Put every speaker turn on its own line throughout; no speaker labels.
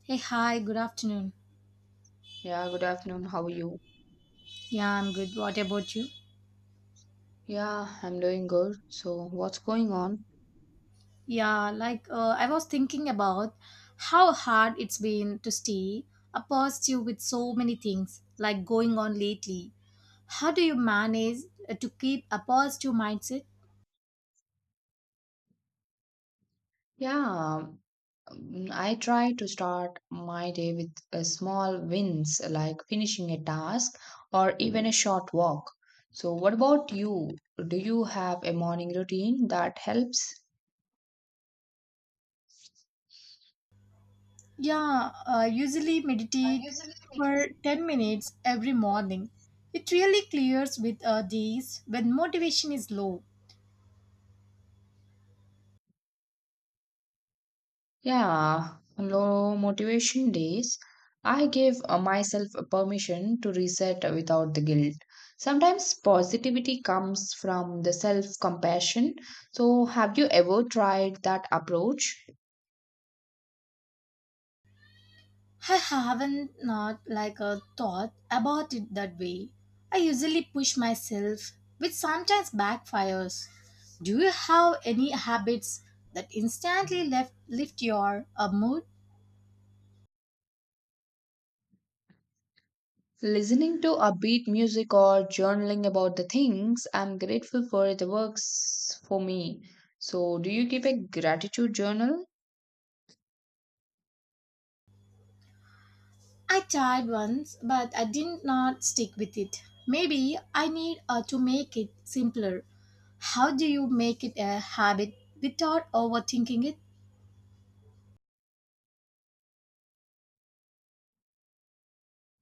Hey, hi, good afternoon.
Yeah, good afternoon. How are you?
Yeah, I'm good. What about you?
Yeah, I'm doing good. So, what's going on?
I was thinking about how hard it's been to stay a positive with so many things like going on lately. How do you manage to keep a positive mindset?
Yeah, I try to start my day with small wins like finishing a task or even a short walk. So, what about you? Do you have a morning routine that helps?
Yeah, I usually meditate
Usually.
for 10 minutes every morning. It really clears with days when motivation is low.
Yeah, low motivation days, I give myself a permission to reset without the guilt. Sometimes positivity comes from the self compassion. So, have you ever tried that approach?
I haven't not like a thought about it that way. I usually push myself, which sometimes backfires. Do you have any habits that instantly left lift your mood?
Listening to upbeat music or journaling about the things I'm grateful for, it works for me. So, do you keep a gratitude journal?
I tried once, but I did not stick with it. Maybe I need to make it simpler. How do you make it a habit without overthinking it?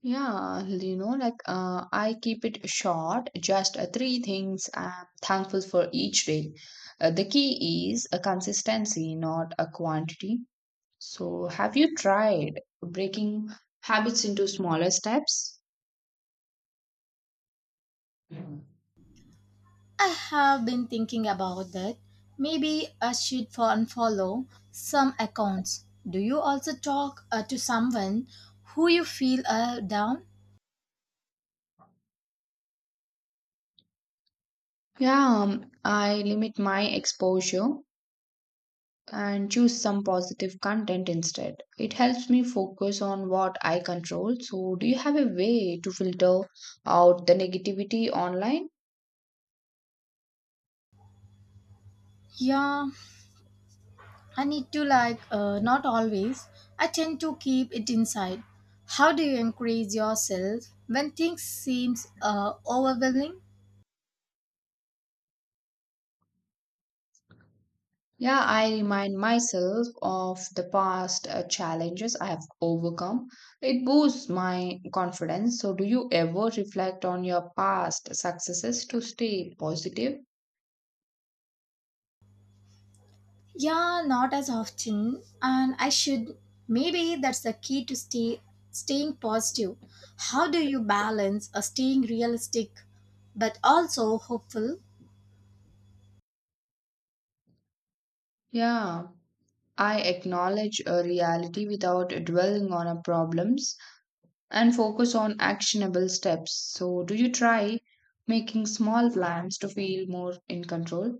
Yeah, like I keep it short, just three things I'm thankful for each day. The key is a consistency, not a quantity. So, have you tried breaking habits into smaller steps? Yeah,
I have been thinking about that. Maybe I should unfollow some accounts. Do you also talk to someone who you feel down?
I limit my exposure and choose some positive content instead. It helps me focus on what I control. So, do you have a way to filter out the negativity online?
Yeah, I need to not always. I tend to keep it inside. How do you encourage yourself when things seems overwhelming?
Yeah, I remind myself of the past challenges I have overcome. It boosts my confidence. So, do you ever reflect on your past successes to stay positive?
Yeah, not as often. And I should. Maybe that's the key to staying positive. How do you balance a staying realistic but also hopeful?
Yeah, I acknowledge a reality without dwelling on our problems and focus on actionable steps. So, do you try making small plans to feel more in control?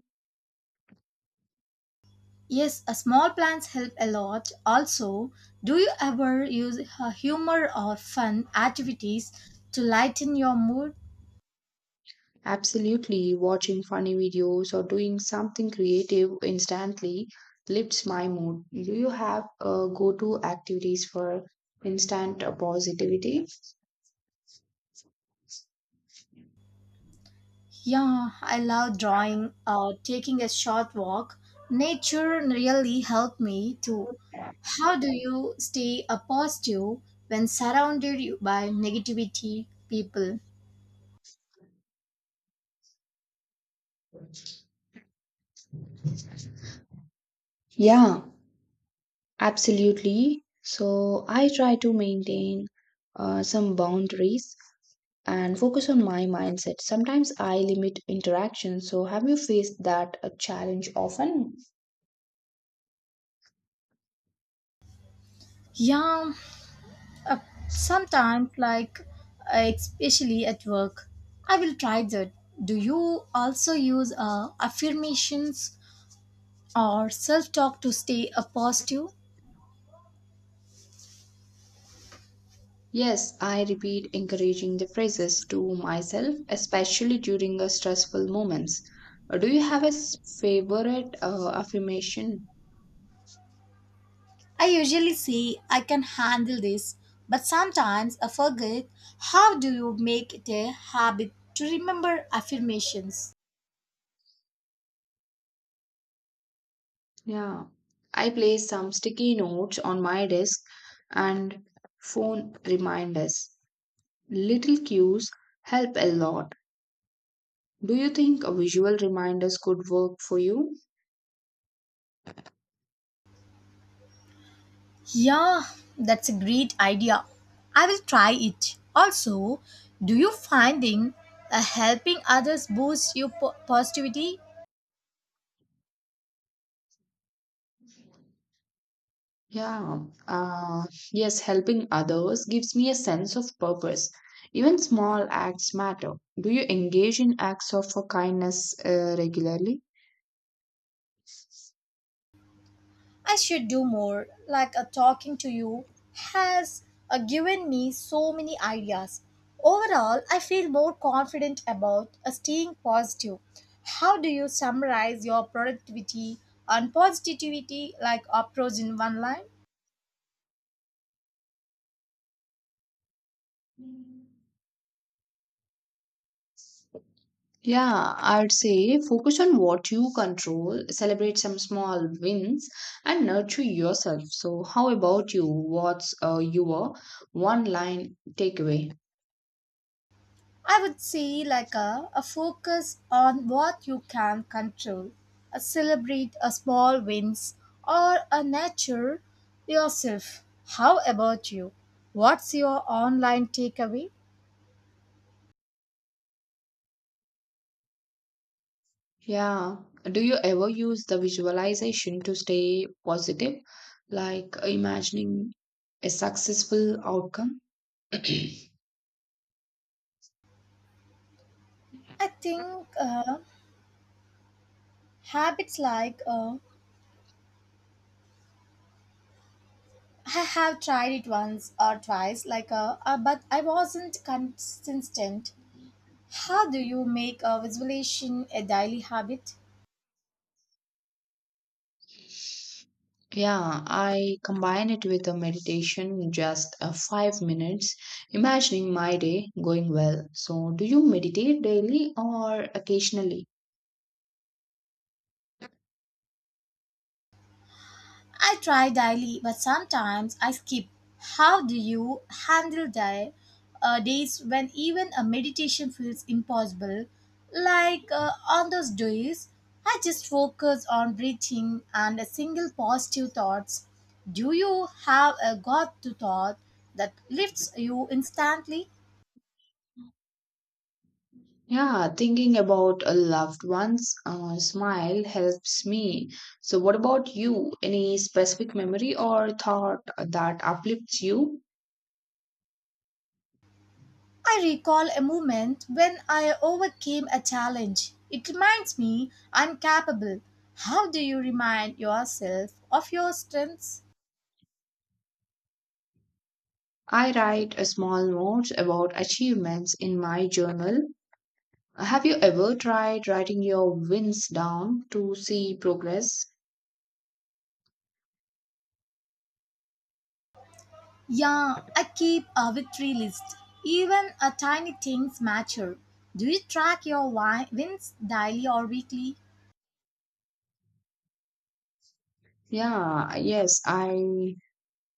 Yes, a small plans help a lot. Also, do you ever use humor or fun activities to lighten your mood?
Absolutely, watching funny videos or doing something creative instantly lifts my mood. Do you have go-to activities for instant positivity?
Yeah, I love drawing, taking a short walk. Nature really helped me too. How do you stay a positive when surrounded you by negativity people?
Yeah, absolutely. So I try to maintain some boundaries and focus on my mindset. Sometimes I limit interaction. So have you faced that a challenge often?
Yeah, uh, Sometimes, especially at work, I will try that. Do you also use affirmations or self talk to stay a positive?
Yes, I repeat encouraging the phrases to myself, especially during the stressful moments. Do you have a favorite affirmation?
I usually say I can handle this, but sometimes I forget. How do you make it a habit to remember affirmations?
Yeah. I place some sticky notes on my desk and phone reminders. Little cues help a lot. Do you think visual reminders could work for you?
Yeah, that's a great idea. I will try it. Also, do you finding helping others boosts your positivity?
Yeah, uh, yes, helping others gives me a sense of purpose. Even small acts matter. Do you engage in acts of kindness regularly?
I should do more, like a talking to you has given me so many ideas. Overall, I feel more confident about staying positive. How do you summarize your productivity and positivity like approach in one line?
Yeah, I'd say focus on what you control, celebrate some small wins, and nurture yourself. So, how about you? What's your one line takeaway?
I would say like a focus on what you can control, a celebrate a small wins or a nurture yourself. How about you? What's your online takeaway?
Yeah, do you ever use the visualization to stay positive? Like imagining a successful outcome.
I think habits like I have tried it once or twice, like but I wasn't consistent. How do you make a visualization a daily habit?
Yeah, I combine it with a meditation, just a 5 minutes imagining my day going well. So, do you meditate daily or occasionally?
I try daily, but sometimes I skip. How do you handle days when even a meditation feels impossible? On those days, I just focus on breathing and a single positive thoughts. Do you have a God to thought that lifts you instantly?
Yeah, thinking about a loved one's smile helps me. So, what about you? Any specific memory or thought that uplifts you?
I recall a moment when I overcame a challenge. It reminds me I'm capable. How do you remind yourself of your strengths?
I write a small notes about achievements in my journal. Have you ever tried writing your wins down to see progress?
Yeah, I keep a victory list. Even a tiny things matter. Do you track your wins daily or weekly?
Yeah, yes, I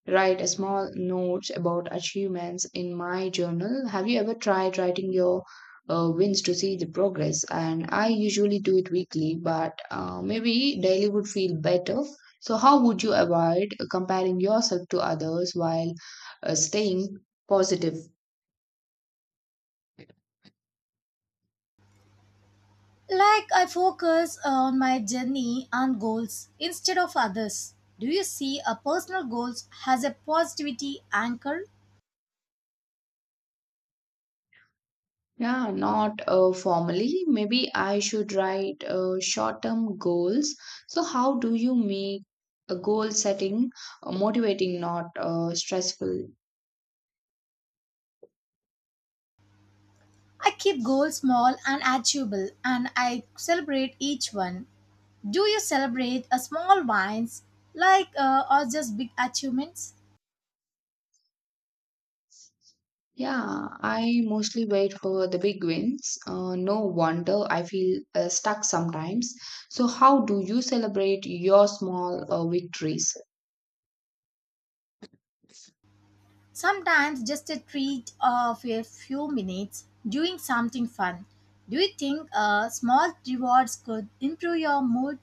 write a small notes about achievements in my journal. Have you ever tried writing your wins to see the progress? And I usually do it weekly, but maybe daily would feel better. So, how would you avoid comparing yourself to others while staying positive?
Like I focus on my journey and goals instead of others. Do you see a personal goals has a positivity anchor?
Yeah, not formally. Maybe I should write short-term goals. So, how do you make a goal setting motivating, not stressful?
I keep goals small and achievable and I celebrate each one. Do you celebrate a small wins or just big achievements?
Yeah, I mostly wait for the big wins. No wonder I feel stuck sometimes. So, how do you celebrate your small victories?
Sometimes just a treat of a few minutes doing something fun. Do you think small rewards could improve your mood?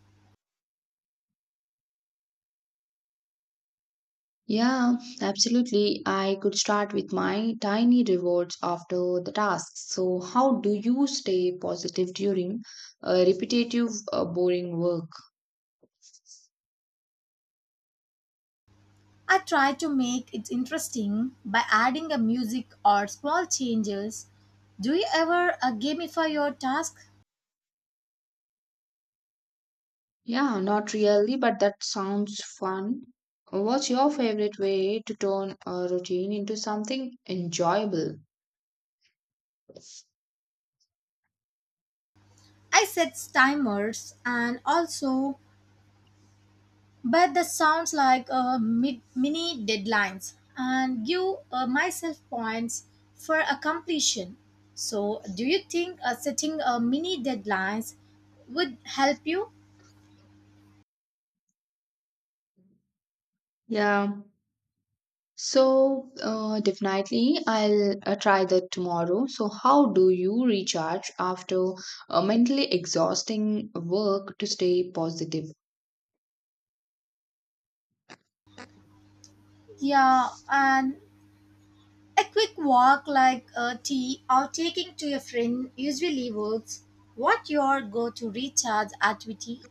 Yeah, absolutely. I could start with my tiny rewards after the tasks. So, how do you stay positive during repetitive, boring work?
I try to make it interesting by adding a music or small changes do you ever gamify your task?
Yeah, not really, but that sounds fun. What's your favorite way to turn a routine into something enjoyable?
I set timers and also but that sounds like a mini deadlines and give myself points for a completion. So, do you think setting a mini deadlines would help you?
Yeah. So, definitely, I'll try that tomorrow. So, how do you recharge after mentally exhausting work to stay positive?
Yeah, and a quick walk like a tea or taking to your friend usually works. What your go-to recharge activity?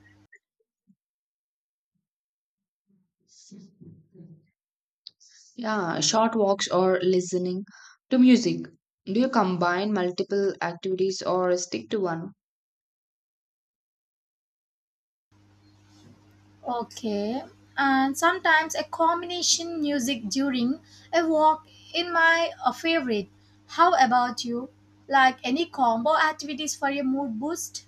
Yeah, short walks or listening to music. Do you combine multiple activities or stick to one?
Okay. And sometimes a combination music during a walk in my favorite. How about you? Like any combo activities for your mood boost?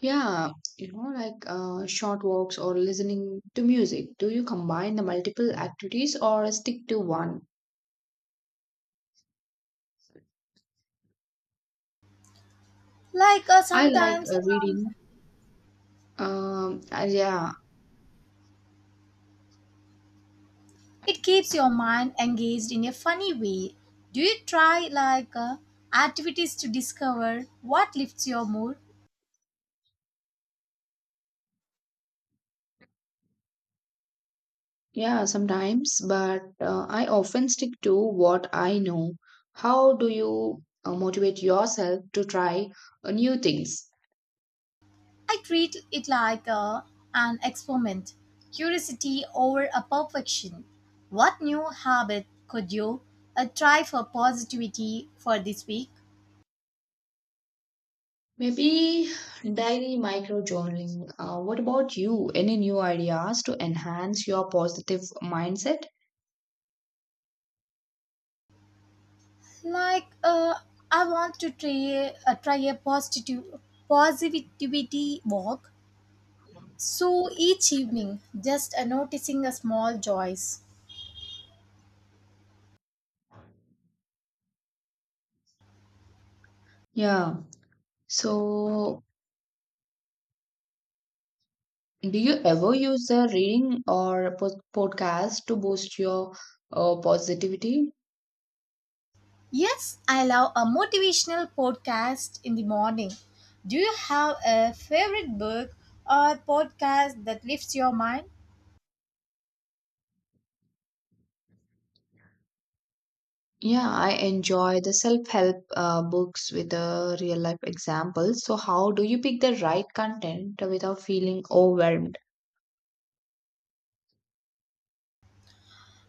Yeah, like short walks or listening to music. Do you combine the multiple activities or stick to one? I like
Sometimes
reading. Yeah.
it keeps your mind engaged in a funny way. Do you try activities to discover what lifts your mood?
Yeah, sometimes, but I often stick to what I know. How do you motivate yourself to try new things?
I treat it like a, an experiment, curiosity over a perfection. What new habit could you try for positivity for this week?
Maybe diary micro journaling. What about you? Any new ideas to enhance your positive mindset?
Like, uh, I want to try, a positive positivity walk. So each evening, just noticing a small joys.
Yeah. So, do you ever use a reading or a podcast to boost your positivity?
Yes, I love a motivational podcast in the morning. Do you have a favorite book or podcast that lifts your mind?
Yeah, I enjoy the self-help books with the real life examples. So how do you pick the right content without feeling overwhelmed?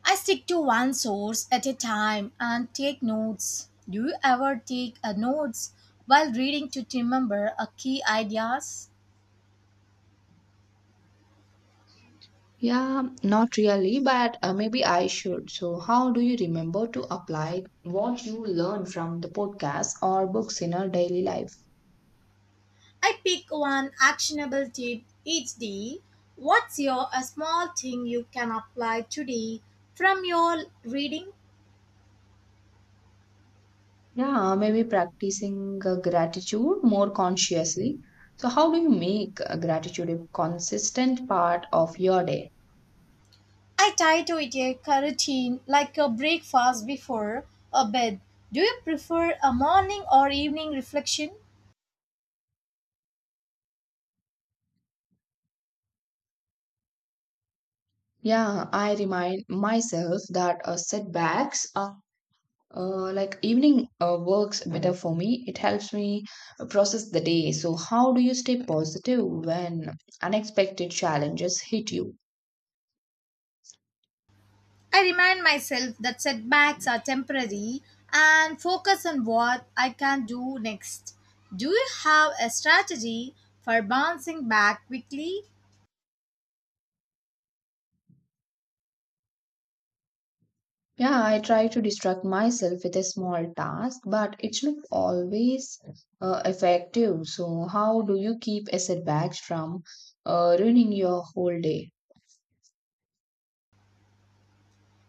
I stick to one source at a time and take notes. Do you ever take a notes while reading to remember a key ideas?
Yeah, not really, but maybe I should. So how do you remember to apply what you learn from the podcast or books in our daily life?
I pick one actionable tip each day. What's your a small thing you can apply today from your reading?
Yeah, maybe practicing gratitude more consciously. So how do you make gratitude a consistent part of your day?
I try to eat a carotene like a breakfast before a bed. Do you prefer a morning or evening reflection?
Yeah, I remind myself that setbacks are like evening works better for me. It helps me process the day. So, how do you stay positive when unexpected challenges hit you?
I remind myself that setbacks are temporary and focus on what I can do next. Do you have a strategy for bouncing back quickly?
Yeah, I try to distract myself with a small task, but it's not always effective. So, how do you keep a setbacks from ruining your whole day?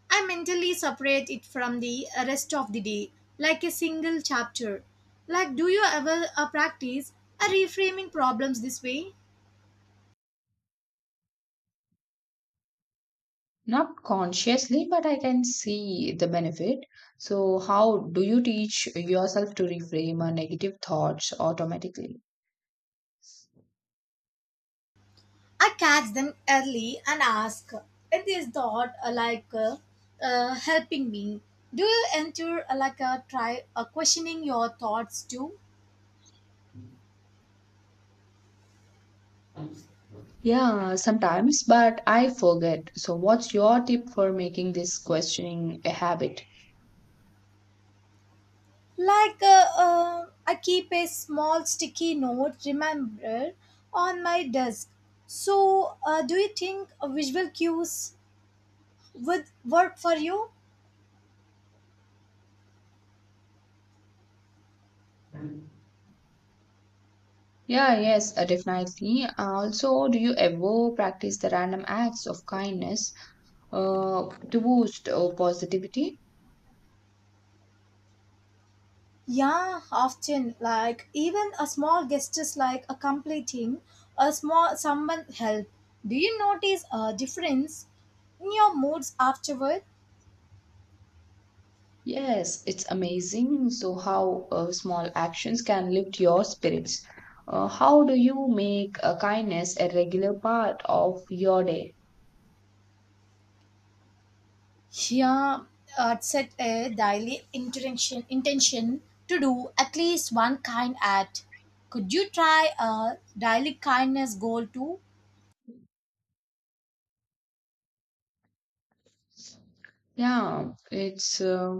I mentally separate it from the rest of the day like a single chapter. Like, do you ever practice a reframing problems this way?
Not consciously, but I can see the benefit. So, how do you teach yourself to reframe a negative thoughts automatically?
I catch them early and ask if this dog helping me. Do you enter try questioning your thoughts too?
Yeah, sometimes, but I forget. So, what's your tip for making this questioning a habit?
I keep a small sticky note remember on my desk. So do you think visual cues would work for you?
Yeah, yes, definitely. Also, do you ever practice the random acts of kindness to boost positivity?
Yeah, often like even a small gestures like a completing a small someone help. Do you notice a difference in your moods afterward?
Yes, it's amazing. So, how small actions can lift your spirits. How do you make kindness a regular part of your day?
Yeah, Set a daily intention to do at least one kind act. Could you try a daily kindness goal too?
Yeah, it's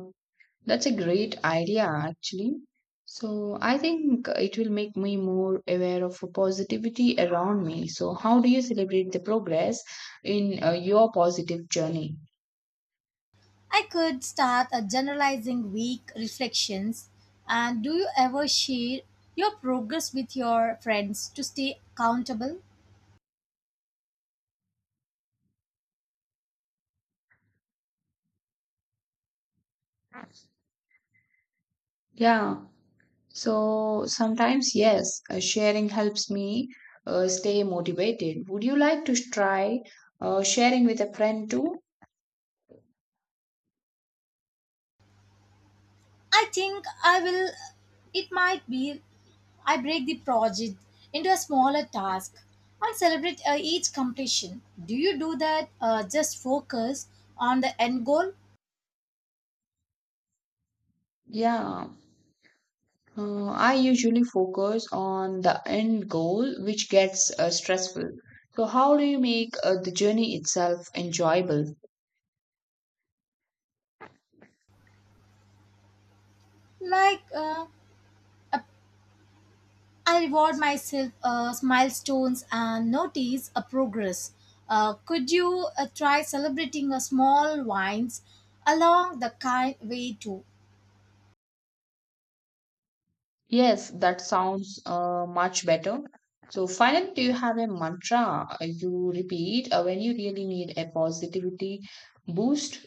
that's a great idea actually. So, I think it will make me more aware of positivity around me. So, how do you celebrate the progress in your positive journey?
I could start a generalizing week reflections. And do you ever share your progress with your friends to stay accountable?
Yeah, so sometimes, yes, sharing helps me stay motivated. Would you like to try sharing with a friend too?
I think I will. It might be I break the project into a smaller task and celebrate each completion. Do you do that? Just focus on the end goal,
Yeah, I usually focus on the end goal, which gets stressful. So, how do you make the journey itself enjoyable?
like uh, I reward myself milestones and notice a progress. Could you try celebrating a small wins along the kind way too?
Yes, that sounds much better. So, finally, do you have a mantra you repeat when you really need a positivity boost?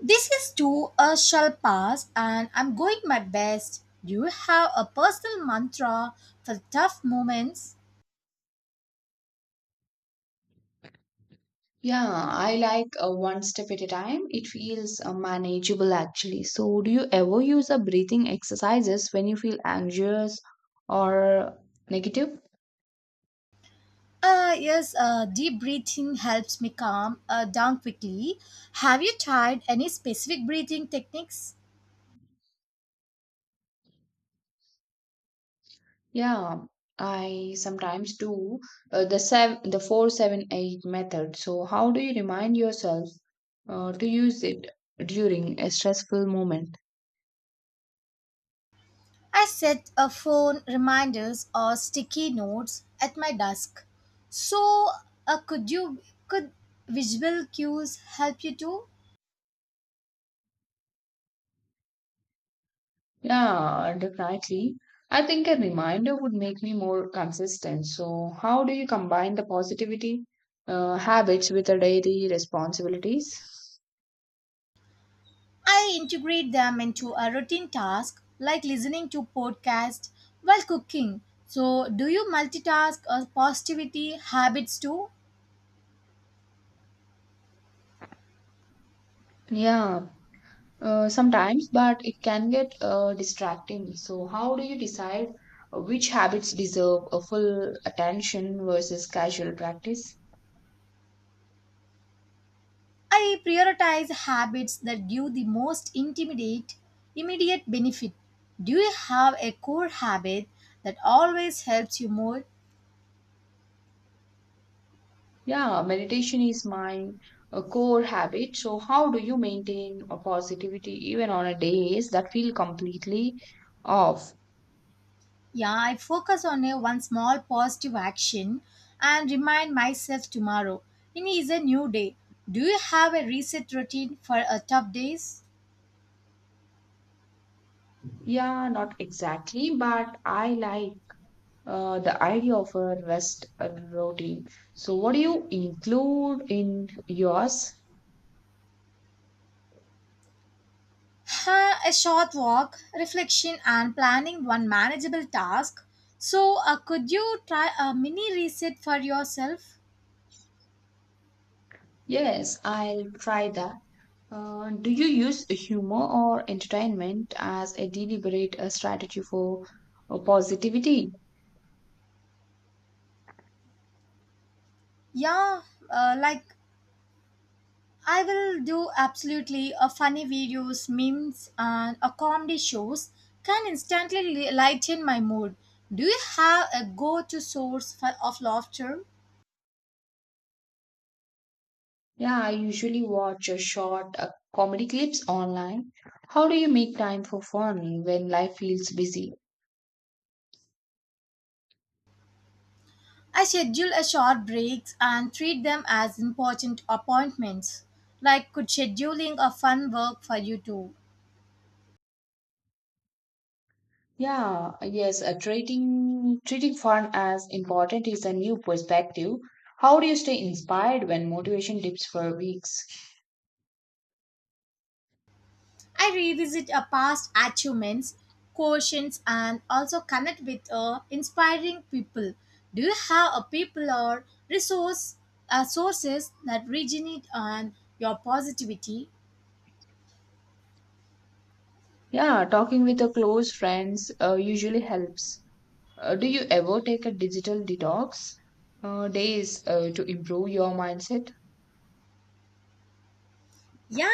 This is too a shall pass, and I'm going my best. Do you have a personal mantra for tough moments?
Yeah, I like one step at a time. It feels manageable actually. So, do you ever use a breathing exercises when you feel anxious or negative?
Yes, deep breathing helps me calm down quickly. Have you tried any specific breathing techniques?
Yeah, I sometimes do the 4-7-8 method. So, how do you remind yourself to use it during a stressful moment?
I set a phone reminders or sticky notes at my desk. So, could you could visual cues help you too?
Yeah, definitely. I think a reminder would make me more consistent. So, how do you combine the positivity habits with the daily responsibilities?
I integrate them into a routine task like listening to podcast while cooking. So, do you multitask or positivity habits too?
Yeah, sometimes, but it can get distracting. So, how do you decide which habits deserve a full attention versus casual practice?
I prioritize habits that give the most intimidate immediate benefit. Do you have a core habit that always helps you more?
Yeah, meditation is my core habit. So, how do you maintain a positivity even on a days that feel completely off?
Yeah, I focus on a one small positive action and remind myself tomorrow. It is a new day. Do you have a reset routine for a tough days?
Yeah, not exactly, but I like the idea of a rest routine. So, what do you include in yours?
Huh, a short walk, reflection, and planning one manageable task. So, could you try a mini reset for yourself?
Yes, I'll try that. Do you use humor or entertainment as a deliberate strategy for positivity?
Yeah, like I will do absolutely. A funny videos, memes, and a comedy shows can instantly lighten my mood. Do you have a go-to source for, of laughter?
Yeah, I usually watch a short comedy clips online. How do you make time for fun when life feels busy?
I schedule a short breaks and treat them as important appointments. Like could scheduling a fun work for you too.
Yeah, yes, treating fun as important is a new perspective. How do you stay inspired when motivation dips for weeks?
I revisit our past achievements, quotients, and also connect with inspiring people. Do you have a people or resource sources that originate on your positivity?
Yeah, talking with your close friends usually helps. Do you ever take a digital detox days to improve your mindset?
Yeah,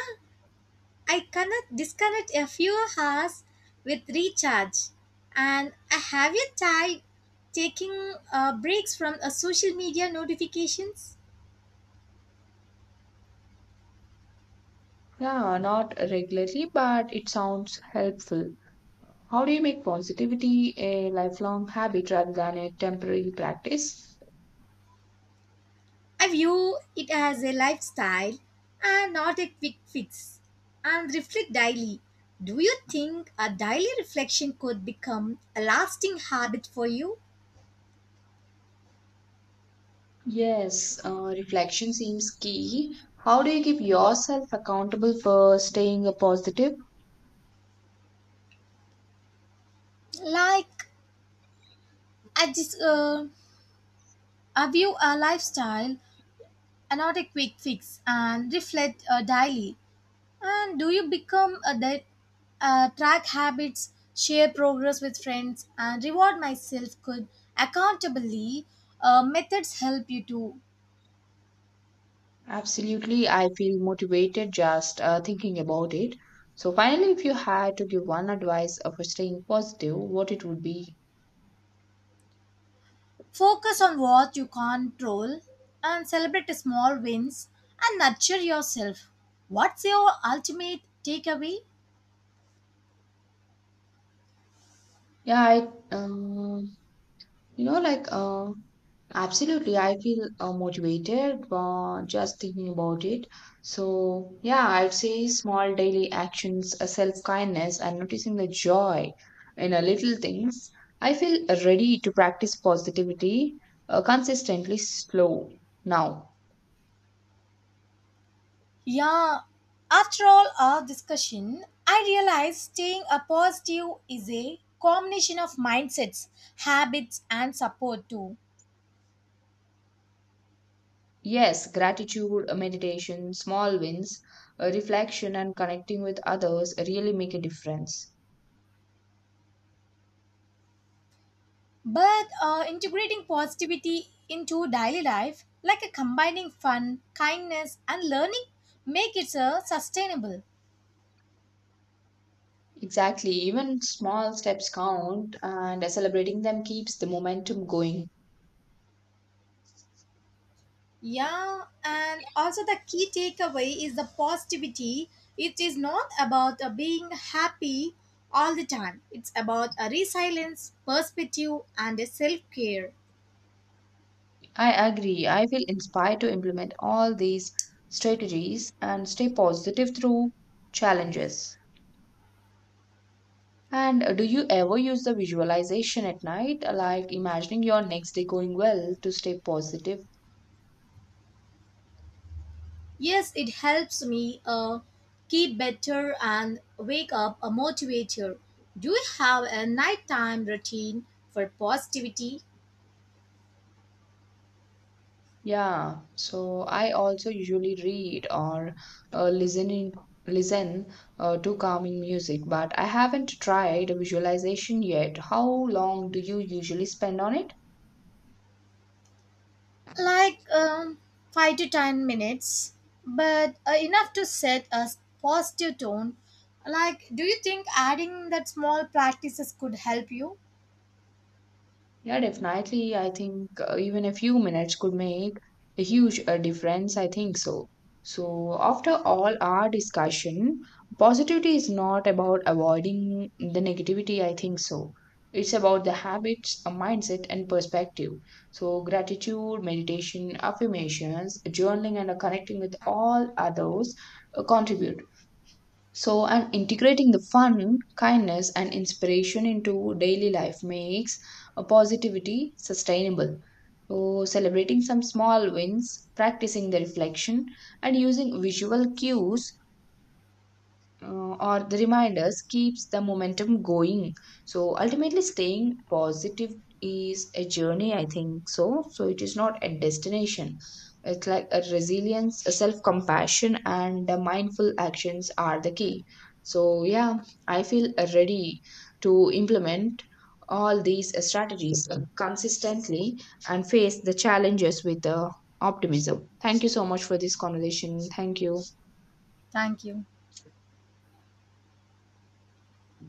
I connect disconnect a few hours with recharge, and I have you tried taking breaks from social media notifications?
Yeah, not regularly, but it sounds helpful. How do you make positivity a lifelong habit rather than a temporary practice?
I view it as a lifestyle and not a quick fix and reflect daily. Do you think a daily reflection could become a lasting habit for you?
Yes, reflection seems key. How do you keep yourself accountable for staying a positive?
Like, I just I view a lifestyle and not a quick fix and reflect daily. And do you become a that track habits, share progress with friends, and reward myself? Could accountably methods help you too?
Absolutely, I feel motivated just thinking about it. So, finally, if you had to give one advice for staying positive, what it would be?
Focus on what you control and celebrate the small wins and nurture yourself. What's your ultimate takeaway?
Yeah, I, um, you know, like absolutely, I feel motivated just thinking about it. So, yeah, I'd say small daily actions, self kindness, and noticing the joy in little things. I feel ready to practice positivity consistently, slow. Now,
Yeah, after all our discussion, I realized staying a positive is a combination of mindsets, habits, and support too.
yes, gratitude, meditation, small wins, reflection, and connecting with others really make a difference.
But integrating positivity into daily life, like a combining fun, kindness, and learning, make it sustainable.
Exactly, even small steps count, and celebrating them keeps the momentum going.
Yeah, and also the key takeaway is the positivity. It is not about being happy all the time, it's about a resilience, perspective, and self care.
I agree. I feel inspired to implement all these strategies and stay positive through challenges. And do you ever use the visualization at night, like imagining your next day going well to stay positive?
Yes, it helps me keep better and wake up a motivator. Do you have a nighttime routine for positivity?
Yeah, so I also usually read or uh, listening listen to calming music, but I haven't tried visualization yet. How long do you usually spend on it?
like um, 5 to 10 minutes, but enough to set a positive tone. Like, do you think adding that small practices could help you?
Yeah, definitely. I think even a few minutes could make a huge difference. I think so. So, after all our discussion, positivity is not about avoiding the negativity. I think so. It's about the habits, a mindset, and perspective. So, gratitude, meditation, affirmations, journaling, and connecting with all others contribute. So, and integrating the fun, kindness, and inspiration into daily life makes a positivity sustainable. So, celebrating some small wins, practicing the reflection, and using visual cues or the reminders keeps the momentum going. So ultimately, staying positive is a journey, I think so. So it is not a destination. It's like a resilience, a self compassion, and the mindful actions are the key. So yeah, I feel ready to implement all these strategies consistently and face the challenges with the optimism. Thank you so much for this conversation. Thank you.
Thank you.